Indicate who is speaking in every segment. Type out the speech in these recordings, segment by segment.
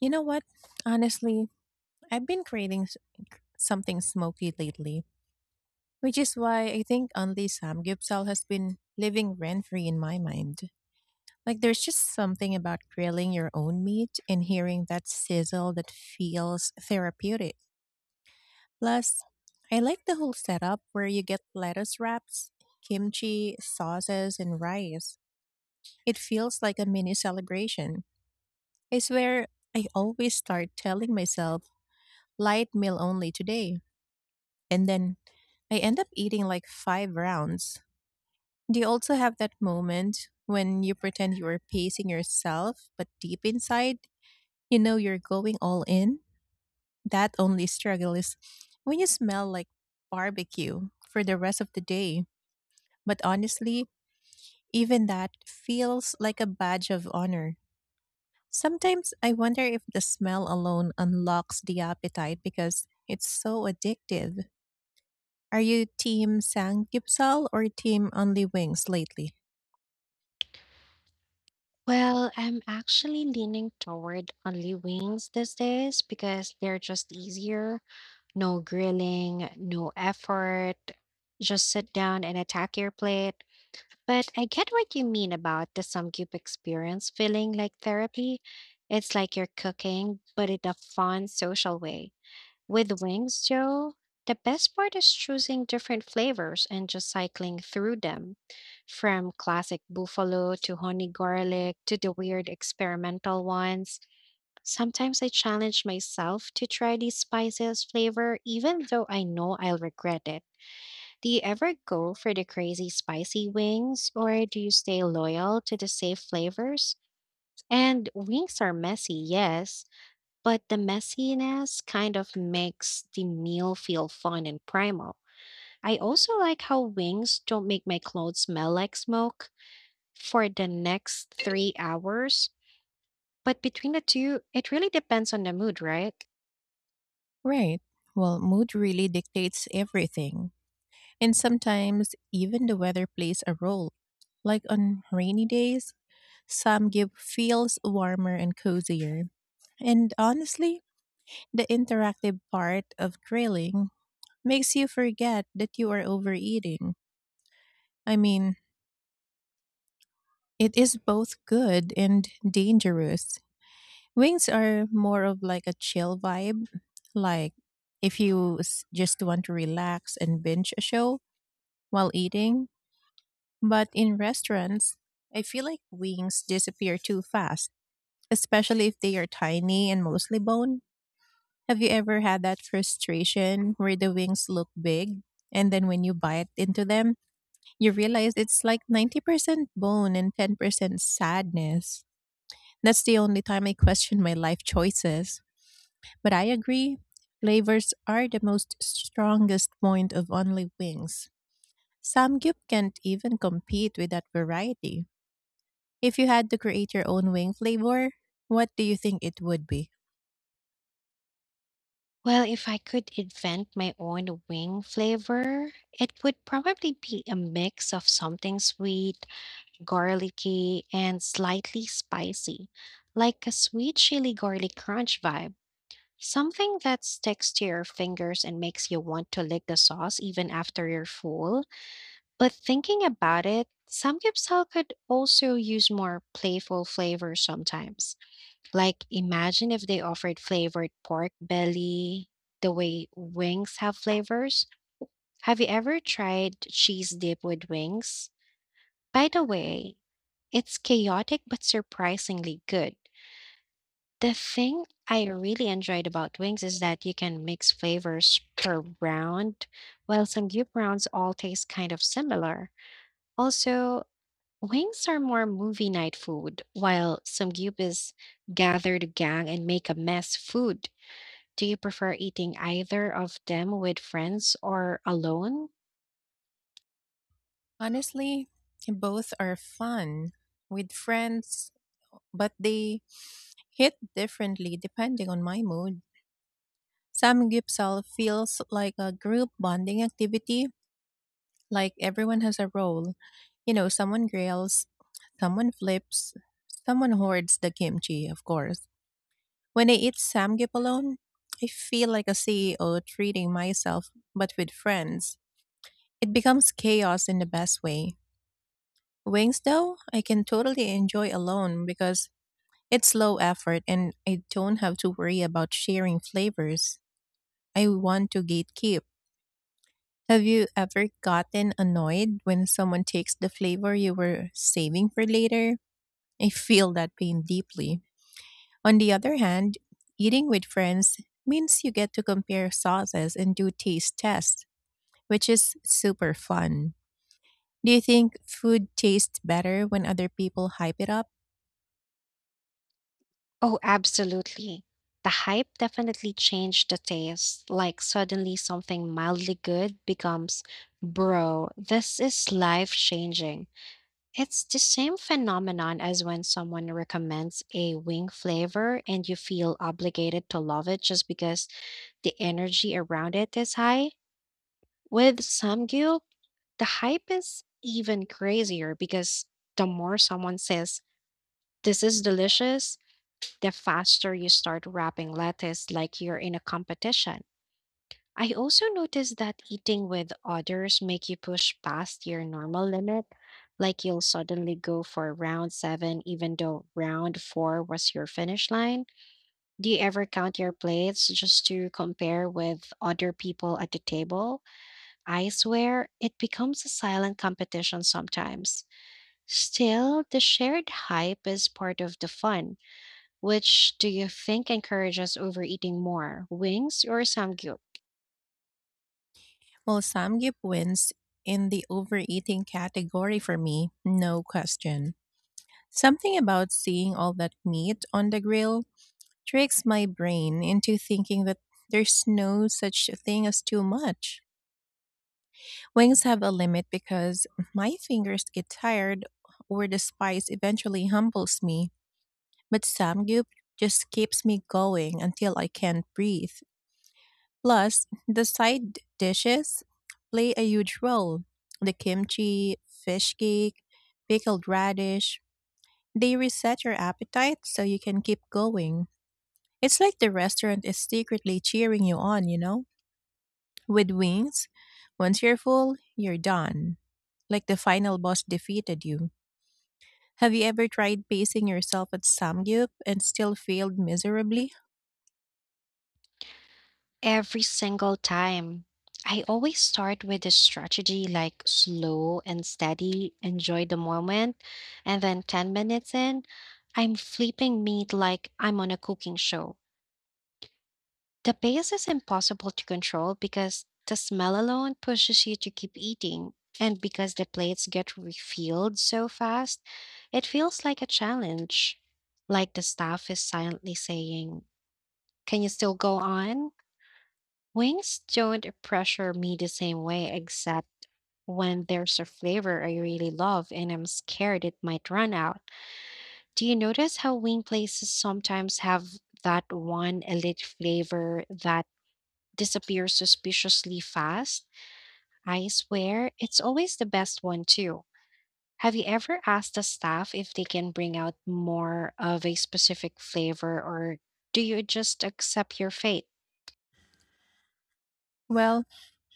Speaker 1: You know what? Honestly, I've been something smoky lately, which is why I think only samgyeopsal has been living rent free in my mind. Like, there's just something about grilling your own meat and hearing that sizzle that feels therapeutic. Plus, I like the whole setup where you get lettuce wraps, kimchi, sauces, and rice. It feels like a mini celebration. I swear, I always start telling myself, light meal only today and then I end up eating like five rounds. Do you also have that moment when you pretend you are pacing yourself, but deep inside, you know you're going all in? That only struggle is when you smell like barbecue for the rest of the day. But honestly, even that feels like a badge of honor. Sometimes I wonder if the smell alone unlocks the appetite because it's so addictive. Are you team Samgyeopsal or team only wings lately?
Speaker 2: Well, I'm actually leaning toward only wings these days because they're just easier. No grilling, no effort. Just sit down and attack your plate. But I get what you mean about the Samgyup experience feeling like therapy. It's like you're cooking, but in a fun, social way. With wings, Joe, the best part is choosing different flavors and just cycling through them, from classic buffalo to honey garlic to the weird experimental ones. Sometimes I challenge myself to try the spiciest flavor, even though I know I'll regret it. Do you ever go for the crazy spicy wings, or do you stay loyal to the safe flavors? And wings are messy, yes, but the messiness kind of makes the meal feel fun and primal. I also like how wings don't make my clothes smell like smoke for the next 3 hours. But between the two, it really depends on the mood, right?
Speaker 1: Right. Well, mood really dictates everything. And sometimes even the weather plays a role. Like on rainy days, Samgyup feels warmer and cozier. And honestly, the interactive part of grilling makes you forget that you are overeating. I mean, it is both good and dangerous. Wings are more of like a chill vibe. Like if you s- just want to relax and binge a show while eating. But in restaurants, I feel like wings disappear too fast, especially if they are tiny and mostly bone. Have you ever had that frustration where the wings look big and then when you bite into them, you realize it's like 90% bone and 10% sadness? That's the only time I question my life choices. But I agree, flavors are the most strongest point of only wings. Samgyup can't even compete with that variety. If you had to create your own wing flavor, what do you think it would be?
Speaker 2: Well, if I could invent my own wing flavor, it would probably be a mix of something sweet, garlicky, and slightly spicy, like a sweet chili garlic crunch vibe. Something that sticks to your fingers and makes you want to lick the sauce even after you're full. But thinking about it, samgyeopsal could also use more playful flavors sometimes. Like imagine if they offered flavored pork belly, the way wings have flavors. Have you ever tried cheese dip with wings? By the way, it's chaotic but surprisingly good. The thing I really enjoyed about wings is that you can mix flavors per round, while some group rounds all taste kind of similar. Also, wings are more movie night food, while some group is gather the gang and make a mess food. Do you prefer eating either of them with friends or alone?
Speaker 1: Honestly, both are fun with friends, but they hit differently depending on my mood. Samgyupsal feels like a group bonding activity. Like everyone has a role. You know, someone grills, someone flips, someone hoards the kimchi, of course. When I eat samgyeop alone, I feel like a CEO treating myself, but with friends. It becomes chaos in the best way. Wings, though, I can totally enjoy alone because it's low effort and I don't have to worry about sharing flavors. I want to gatekeep. Have you ever gotten annoyed when someone takes the flavor you were saving for later? I feel that pain deeply. On the other hand, eating with friends means you get to compare sauces and do taste tests, which is super fun. Do you think food tastes better when other people hype it up?
Speaker 2: Oh, absolutely. The hype definitely changed the taste. Like, suddenly something mildly good becomes, bro, this is life changing. It's the same phenomenon as when someone recommends a wing flavor and you feel obligated to love it just because the energy around it is high. With Samgyeop, the hype is even crazier because the more someone says, this is delicious, the faster you start wrapping lettuce like you're in a competition. I also noticed that eating with others make you push past your normal limit, like you'll suddenly go for round 7 even though round 4 was your finish line. Do you ever count your plates just to compare with other people at the table? I swear it becomes a silent competition sometimes. Still, the shared hype is part of the fun. Which do you think encourages overeating more, wings or samgyup?
Speaker 1: Well, Samgyeop wins in the overeating category for me, no question. Something about seeing all that meat on the grill tricks my brain into thinking that there's no such thing as too much. Wings have a limit because my fingers get tired or the spice eventually humbles me, but samgyup just keeps me going until I can't breathe. Plus, the side dishes play a huge role. The kimchi, fish cake, pickled radish, they reset your appetite so you can keep going. It's like the restaurant is secretly cheering you on, you know? With wings, once you're full, you're done. Like the final boss defeated you. Have you ever tried pacing yourself at Samgyup and still failed miserably?
Speaker 2: Every single time. I always start with a strategy like slow and steady, enjoy the moment, and then 10 minutes in, I'm flipping meat like I'm on a cooking show. The pace is impossible to control because the smell alone pushes you to keep eating. And because the plates get refilled so fast, it feels like a challenge. Like the staff is silently saying, can you still go on? Wings don't pressure me the same way, except when there's a flavor I really love and I'm scared it might run out. Do you notice how wing places sometimes have that one elite flavor that disappear suspiciously fast. I swear, it's always the best one, too. Have you ever asked the staff if they can bring out more of a specific flavor, or do you just accept your fate?
Speaker 1: Well,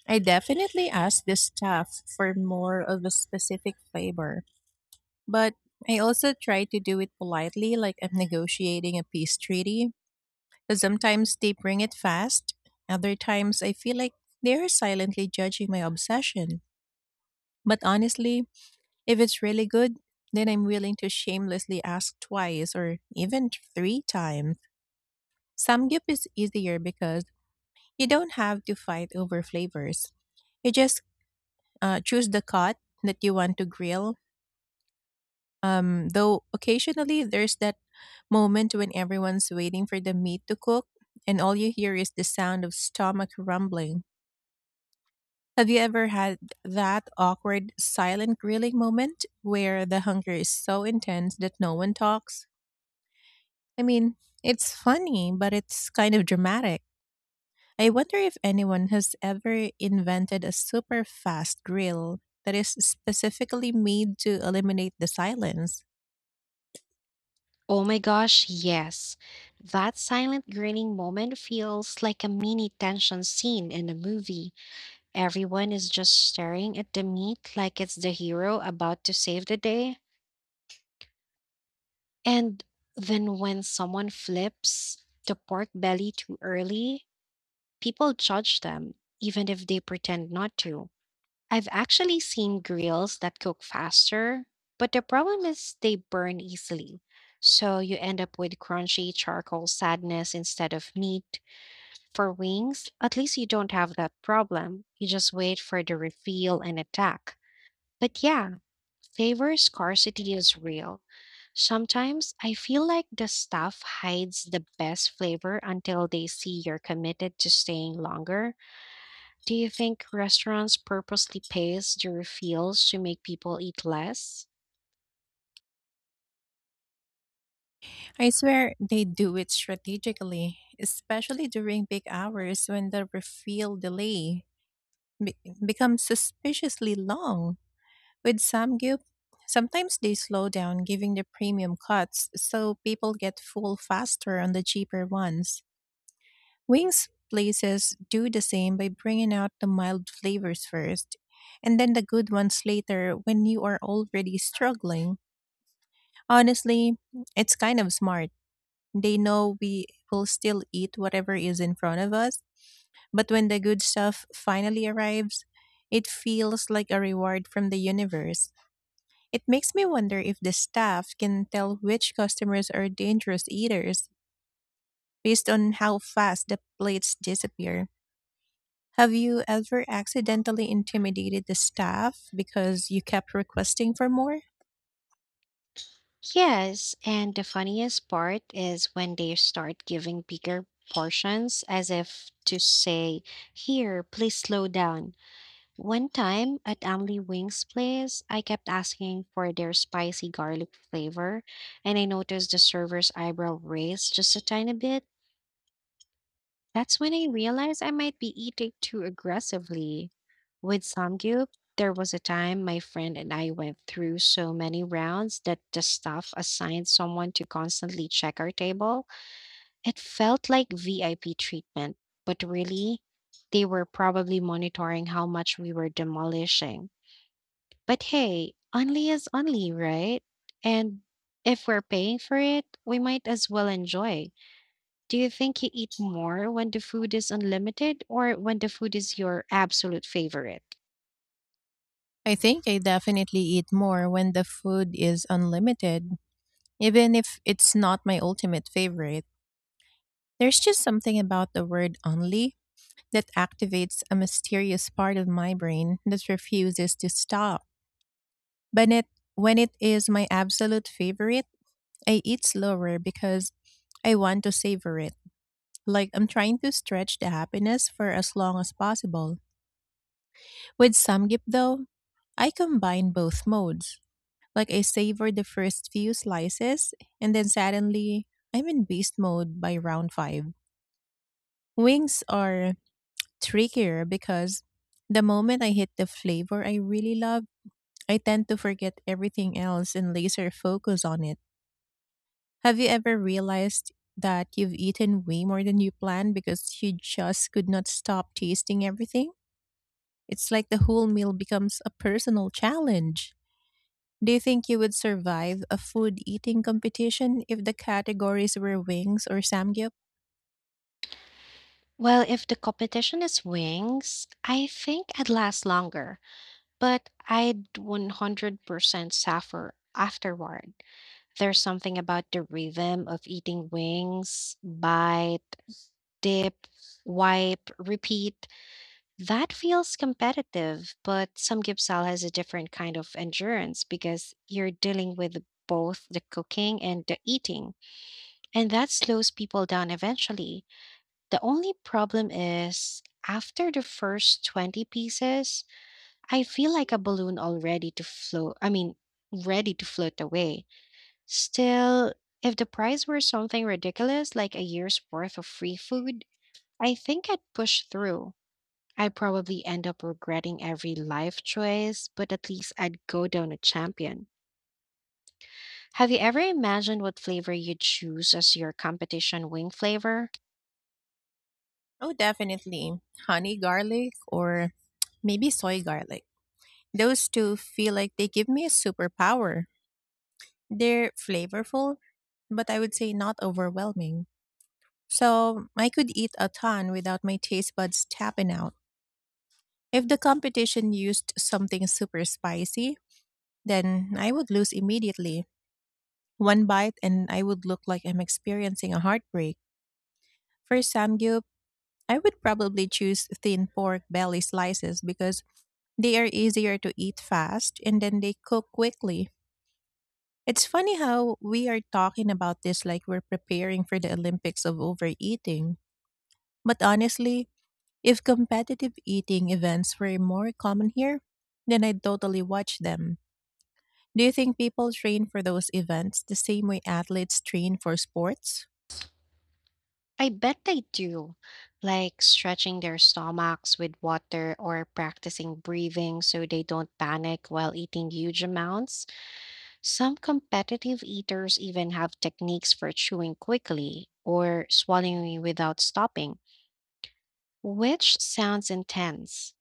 Speaker 1: I definitely asked the staff for more of a specific flavor, but I also try to do it politely, like I'm negotiating a peace treaty. 'Cause sometimes they bring it fast, other times I feel like they're silently judging my obsession. But honestly, if it's really good, then I'm willing to shamelessly ask twice or even three times. Samgyup is easier because you don't have to fight over flavors. You just choose the cut that you want to grill. Though occasionally there's that moment when everyone's waiting for the meat to cook and all you hear is the sound of stomach rumbling. Have you ever had that awkward silent grilling moment where the hunger is so intense that no one talks? I mean, it's funny, but it's kind of dramatic. I wonder if anyone has ever invented a super fast grill that is specifically made to eliminate the silence.
Speaker 2: Oh my gosh, yes. That silent grinning moment feels like a mini tension scene in a movie. Everyone is just staring at the meat like it's the hero about to save the day. And then when someone flips the pork belly too early, people judge them, even if they pretend not to. I've actually seen grills that cook faster, but the problem is they burn easily. So you end up with crunchy charcoal sadness instead of meat. For wings, at least you don't have that problem. You just wait for the reveal and attack. But yeah, favor scarcity is real. Sometimes I feel like the staff hides the best flavor until they see you're committed to staying longer. Do you think restaurants purposely pace the refills to make people eat less?
Speaker 1: I swear they do it strategically, especially during big hours when the refill delay be- becomes suspiciously long. With Samgyup, sometimes they slow down giving the premium cuts so people get full faster on the cheaper ones. Wings places do the same by bringing out the mild flavors first and then the good ones later when you are already struggling. Honestly, it's kind of smart. They know we will still eat whatever is in front of us, but when the good stuff finally arrives, it feels like a reward from the universe. It makes me wonder if the staff can tell which customers are dangerous eaters based on how fast the plates disappear. Have you ever accidentally intimidated the staff because you kept requesting for more?
Speaker 2: Yes, and the funniest part is when they start giving bigger portions as if to say, here, please slow down. One time at Emily Wing's place, I kept asking for their spicy garlic flavor, and I noticed the server's eyebrow raised just a tiny bit. That's when I realized I might be eating too aggressively. With Samgyup, there was a time my friend and I went through so many rounds that the staff assigned someone to constantly check our table. It felt like VIP treatment, but really, they were probably monitoring how much we were demolishing. But hey, only is only, right? And if we're paying for it, we might as well enjoy. Do you think you eat more when the food is unlimited or when the food is your absolute favorite?
Speaker 1: I think I definitely eat more when the food is unlimited, even if it's not my ultimate favorite. There's just something about the word only that activates a mysterious part of my brain that refuses to stop. But when it is my absolute favorite, I eat slower because I want to savor it. Like I'm trying to stretch the happiness for as long as possible. With samgip though, I combine both modes. Like I savor the first few slices and then suddenly I'm in beast mode by round 5. Wings are trickier because the moment I hit the flavor I really love, I tend to forget everything else and laser focus on it. Have you ever realized that you've eaten way more than you planned because you just could not stop tasting everything? It's like the whole meal becomes a personal challenge. Do you think you would survive a food eating competition if the categories were wings or samgyup?
Speaker 2: Well, if the competition is wings, I think I'd last longer, but I'd 100% suffer afterward. There's something about the rhythm of eating wings: bite, dip, wipe, repeat. That feels competitive, but some Gipsal has a different kind of endurance because you're dealing with both the cooking and the eating, and that slows people down eventually. The only problem is after the first 20 pieces, I feel like a balloon already to float, I mean, ready to float away. Still, if the price were something ridiculous like a year's worth of free food, I think I'd push through. I probably end up regretting every life choice, but at least I'd go down a champion. Have you ever imagined what flavor you'd choose as your competition wing flavor?
Speaker 1: Oh, definitely. Honey garlic or maybe soy garlic. Those two feel like they give me a superpower. They're flavorful, but I would say not overwhelming. So I could eat a ton without my taste buds tapping out. If the competition used something super spicy, then I would lose immediately. One bite and I would look like I'm experiencing a heartbreak. For samgyup, I would probably choose thin pork belly slices because they are easier to eat fast and then they cook quickly. It's funny how we are talking about this like we're preparing for the Olympics of overeating. But honestly, if competitive eating events were more common here, then I'd totally watch them. Do you think people train for those events the same way athletes train for sports?
Speaker 2: I bet they do, like stretching their stomachs with water or practicing breathing so they don't panic while eating huge amounts. Some competitive eaters even have techniques for chewing quickly or swallowing without stopping. Which sounds intense.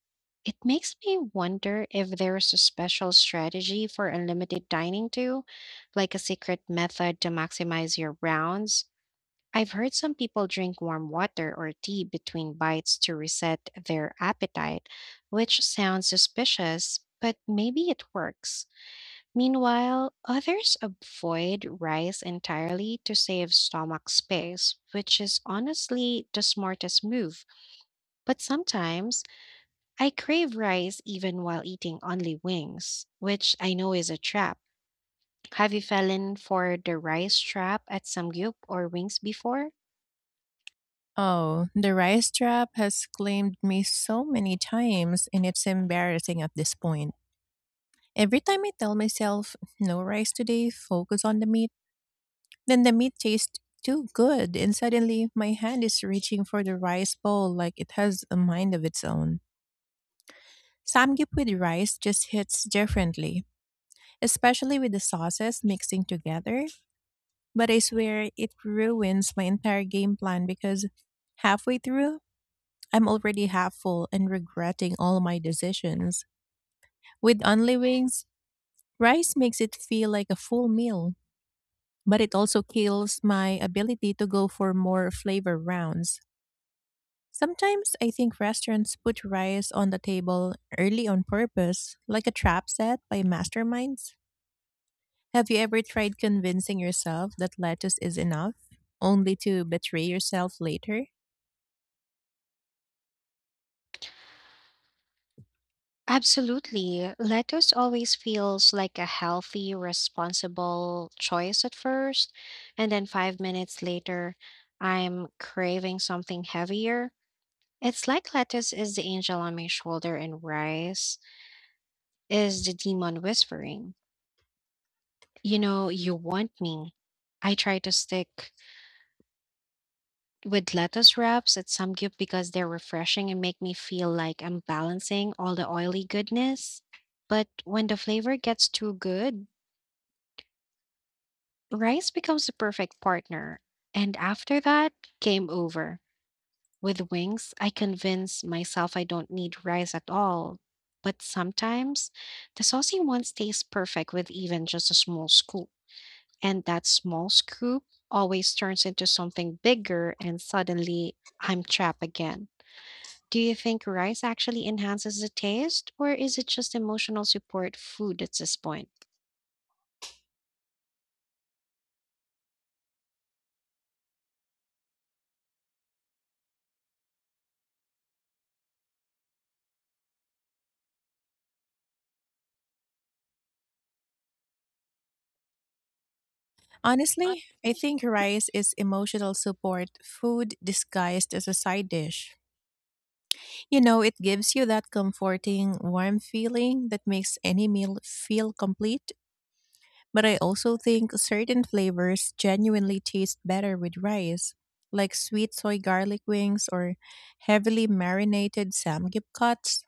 Speaker 2: It makes me wonder if there's a special strategy for unlimited dining too, like a secret method to maximize your rounds. I've heard some people drink warm water or tea between bites to reset their appetite, which sounds suspicious, but maybe it works. Meanwhile, others avoid rice entirely to save stomach space, which is honestly the smartest move. But sometimes I crave rice even while eating only wings, which I know is a trap. Have you fallen for the rice trap at Samgyup or wings before?
Speaker 1: Oh, the rice trap has claimed me so many times, and it's embarrassing at this point. Every time I tell myself, no rice today, focus on the meat, then the meat tastes too good, and suddenly my hand is reaching for the rice bowl like it has a mind of its own. Samgyup with rice just hits differently, especially with the sauces mixing together. But I swear it ruins my entire game plan because halfway through, I'm already half full and regretting all my decisions. With only wings, rice makes it feel like a full meal, but it also kills my ability to go for more flavor rounds. Sometimes I think restaurants put rice on the table early on purpose, like a trap set by masterminds. Have you ever tried convincing yourself that lettuce is enough, only to betray yourself later?
Speaker 2: Absolutely. Lettuce always feels like a healthy, responsible choice at first, and then 5 minutes later, I'm craving something heavier. It's like lettuce is the angel on my shoulder and rice is the demon whispering, you know, you want me. I try to stick with lettuce wraps at Samgyup because they're refreshing and make me feel like I'm balancing all the oily goodness. But when the flavor gets too good, rice becomes the perfect partner. And after that, game over. With wings, I convince myself I don't need rice at all. But sometimes the saucy ones taste perfect with even just a small scoop. And that small scoop always turns into something bigger, and suddenly I'm trapped again. Do you think rice actually enhances the taste, or is it just emotional support food at this point? I-
Speaker 1: Honestly, I think rice is emotional support food disguised as a side dish. You know, it gives you that comforting, warm feeling that makes any meal feel complete. But I also think certain flavors genuinely taste better with rice, like sweet soy garlic wings or heavily marinated samgyeopsals.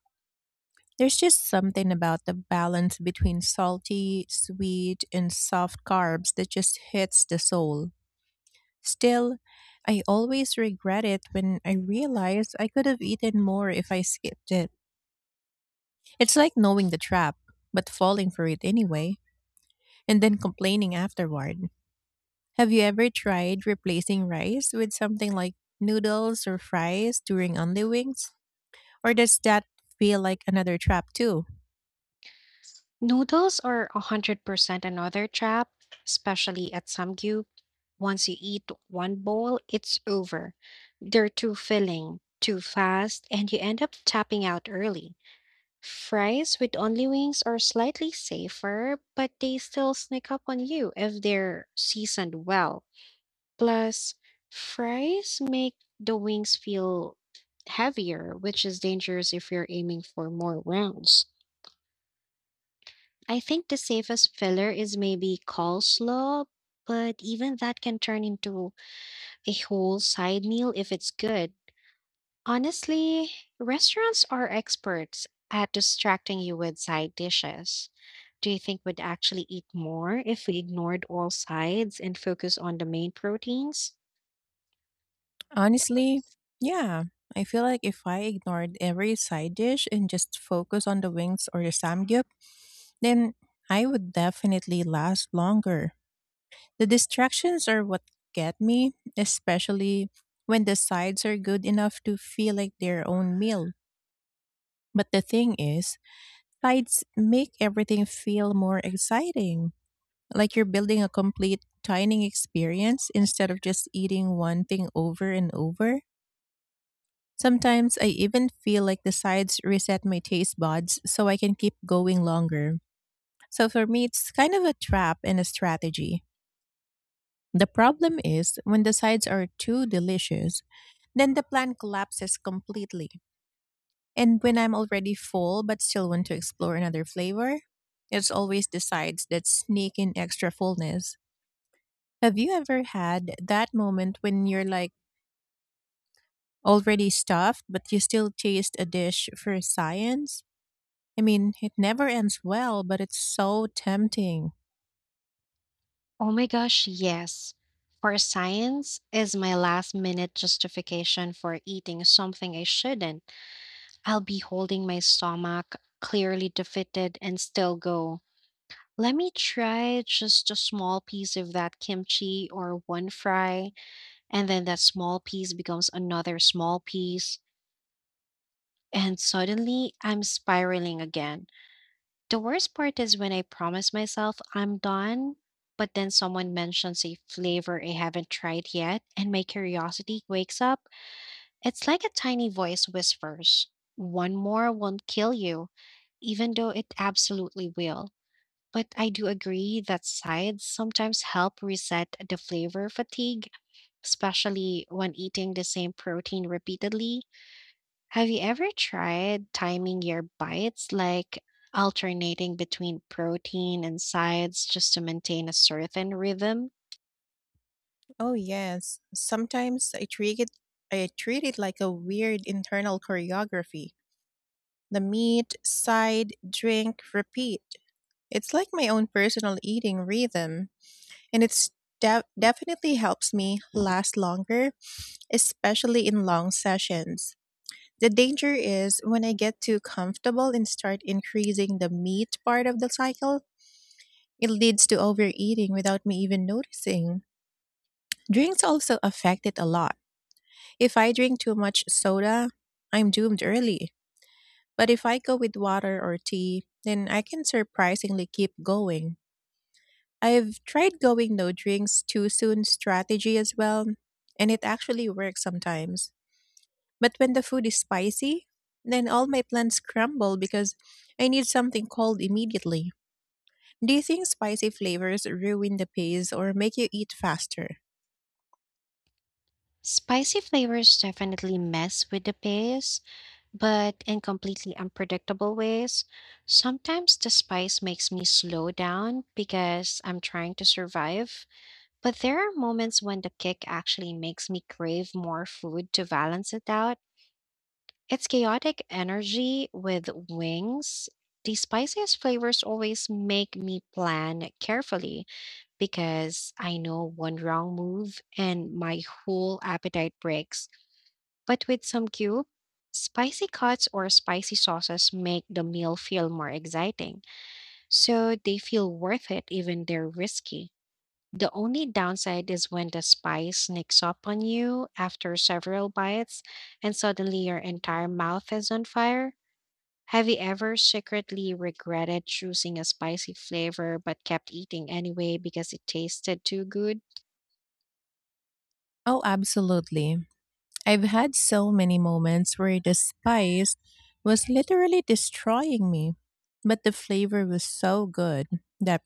Speaker 1: There's just something about the balance between salty, sweet, and soft carbs that just hits the soul. Still, I always regret it when I realize I could have eaten more if I skipped it. It's like knowing the trap, but falling for it anyway, and then complaining afterward. Have you ever tried replacing rice with something like noodles or fries during only wings? Or does that feel like another trap too?
Speaker 2: Noodles are 100% another trap, especially at Samgyu. Once you eat one bowl, it's over. They're too filling, too fast, and you end up tapping out early. Fries with only wings are slightly safer, but they still sneak up on you if they're seasoned well. Plus, fries make the wings feel heavier, which is dangerous if you're aiming for more rounds. I think the safest filler is maybe coleslaw, but even that can turn into a whole side meal if it's good. Honestly, restaurants are experts at distracting you with side dishes. Do you think we'd actually eat more if we ignored all sides and focus on the main proteins?
Speaker 1: Honestly, yeah. I feel like if I ignored every side dish and just focus on the wings or the samgyup, then I would definitely last longer. The distractions are what get me, especially when the sides are good enough to feel like their own meal. But the thing is, Tides make everything feel more exciting, like you're building a complete dining experience instead of just eating one thing over and over. Sometimes I even feel like the sides reset my taste buds so I can keep going longer. So for me, it's kind of a trap and a strategy. The problem is when the sides are too delicious, then the plan collapses completely. And when I'm already full but still want to explore another flavor, it's always the sides that sneak in extra fullness. Have you ever had that moment when you're like already stuffed but you still taste a dish for science? I mean, it never ends well, but it's so tempting.
Speaker 2: Oh my gosh, yes. For science is my last minute justification for eating something I shouldn't. I'll be holding my stomach, clearly defeated, and still go. Let me try just a small piece of that kimchi or one fry, and then that small piece becomes another small piece, and suddenly I'm spiraling again. The worst part is when I promise myself I'm done, but then someone mentions a flavor I haven't tried yet and my curiosity wakes up. It's like a tiny voice whispers, one more won't kill you, even though it absolutely will. But I do agree that sides sometimes help reset the flavor fatigue, especially when eating the same protein repeatedly. Have you ever tried timing your bites, like alternating between protein and sides just to maintain a certain rhythm?
Speaker 1: Oh yes, sometimes I treat it like a weird internal choreography. The meat, side, drink, repeat. It's like my own personal eating rhythm, and it's definitely helps me last longer, especially in long sessions. The danger is when I get too comfortable and start increasing the meat part of the cycle, it leads to overeating without me even noticing. Drinks also affect it a lot. If I drink too much soda, I'm doomed early. But if I go with water or tea, then I can surprisingly keep going. I've tried going no drinks too soon strategy as well, and it actually works sometimes. But when the food is spicy, then all my plans crumble because I need something cold immediately. Do you think spicy flavors ruin the pace or make you eat faster?
Speaker 2: Spicy flavors definitely mess with the pace, but in completely unpredictable ways. Sometimes the spice makes me slow down because I'm trying to survive, but there are moments when the kick actually makes me crave more food to balance it out. It's chaotic energy with wings. The spiciest flavors always make me plan carefully because I know one wrong move and my whole appetite breaks. But with some cube, spicy cuts or spicy sauces make the meal feel more exciting, so they feel worth it even they're risky. The only downside is when the spice sneaks up on you after several bites and suddenly your entire mouth is on fire. Have you ever secretly regretted choosing a spicy flavor but kept eating anyway because it tasted too good?
Speaker 1: Oh, absolutely. I've had so many moments where the spice was literally destroying me, but the flavor was so good that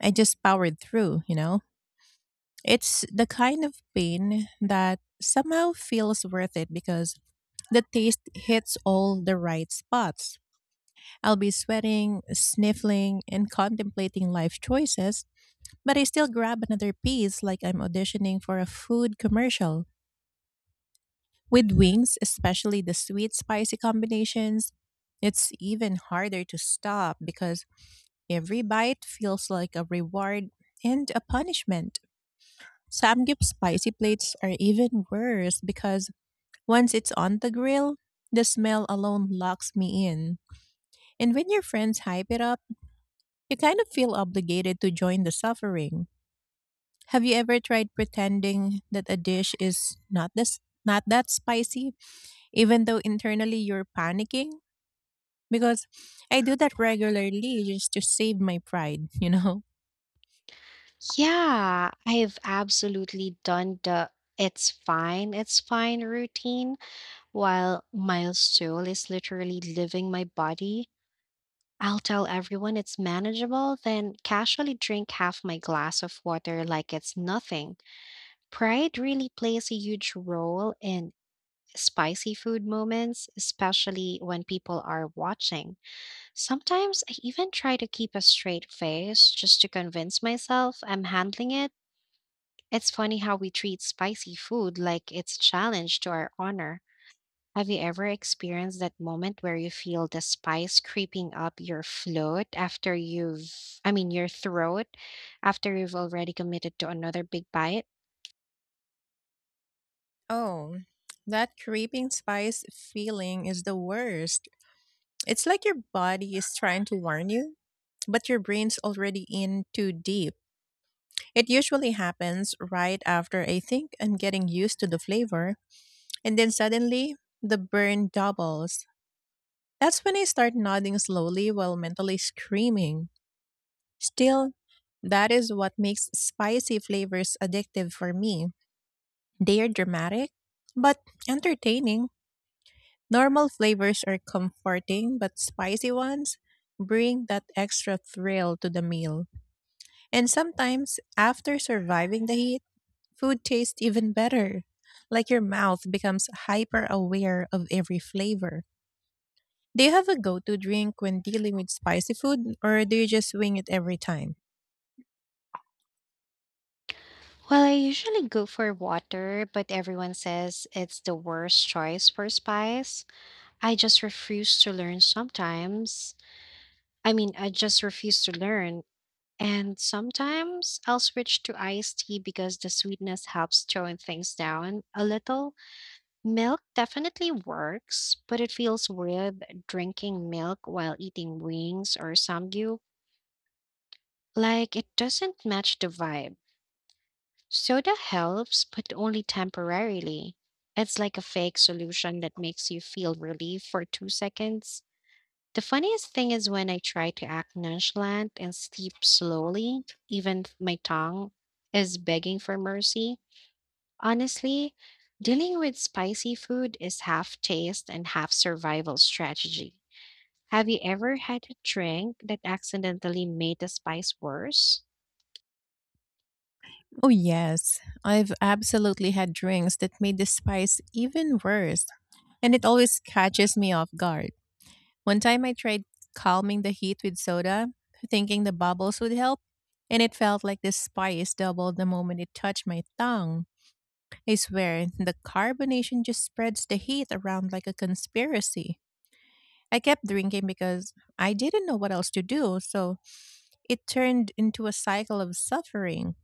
Speaker 1: I just powered through, you know? It's the kind of pain that somehow feels worth it because the taste hits all the right spots. I'll be sweating, sniffling, and contemplating life choices, but I still grab another piece like I'm auditioning for a food commercial. With wings, especially the sweet spicy combinations, it's even harder to stop because every bite feels like a reward and a punishment. Samgyup spicy plates are even worse because once it's on the grill, the smell alone locks me in. And when your friends hype it up, you kind of feel obligated to join the suffering. Have you ever tried pretending that a dish is not that spicy even though internally you're panicking? Because I do that regularly just to save my pride, you know.
Speaker 2: Yeah, I've absolutely done the it's fine routine while my soul is literally leaving my body. I'll tell everyone it's manageable, then casually drink half my glass of water like it's nothing. Pride really plays a huge role in spicy food moments, especially when people are watching. Sometimes I even try to keep a straight face just to convince myself I'm handling it. It's funny how we treat spicy food like it's a challenge to our honor. Have you ever experienced that moment where you feel the spice creeping up your throat after you've already committed to another big bite?
Speaker 1: Oh, that creeping spice feeling is the worst. It's like your body is trying to warn you, but your brain's already in too deep. It usually happens right after I think I'm getting used to the flavor, and then suddenly the burn doubles. That's when I start nodding slowly while mentally screaming. Still, that is what makes spicy flavors addictive for me. They are dramatic, but entertaining. Normal flavors are comforting, but spicy ones bring that extra thrill to the meal. And sometimes, after surviving the heat, food tastes even better, like your mouth becomes hyper aware of every flavor. Do you have a go to drink when dealing with spicy food, or do you just wing it every time?
Speaker 2: Well, I usually go for water, but everyone says it's the worst choice for spice. I just refuse to learn sometimes. I just refuse to learn. And sometimes I'll switch to iced tea because the sweetness helps tone things down a little. Milk definitely works, but it feels weird drinking milk while eating wings or samgyew. Like, it doesn't match the vibe. Soda helps, but only temporarily. It's like a fake solution that makes you feel relief for 2 seconds. The funniest thing is when I try to act nonchalant and sleep slowly, even my tongue is begging for mercy. Honestly, dealing with spicy food is half taste and half survival strategy. Have you ever had a drink that accidentally made the spice worse?
Speaker 1: Oh, yes. I've absolutely had drinks that made the spice even worse, and it always catches me off guard. One time I tried calming the heat with soda, thinking the bubbles would help, and it felt like the spice doubled the moment it touched my tongue. I swear, the carbonation just spreads the heat around like a conspiracy. I kept drinking because I didn't know what else to do, so it turned into a cycle of suffering.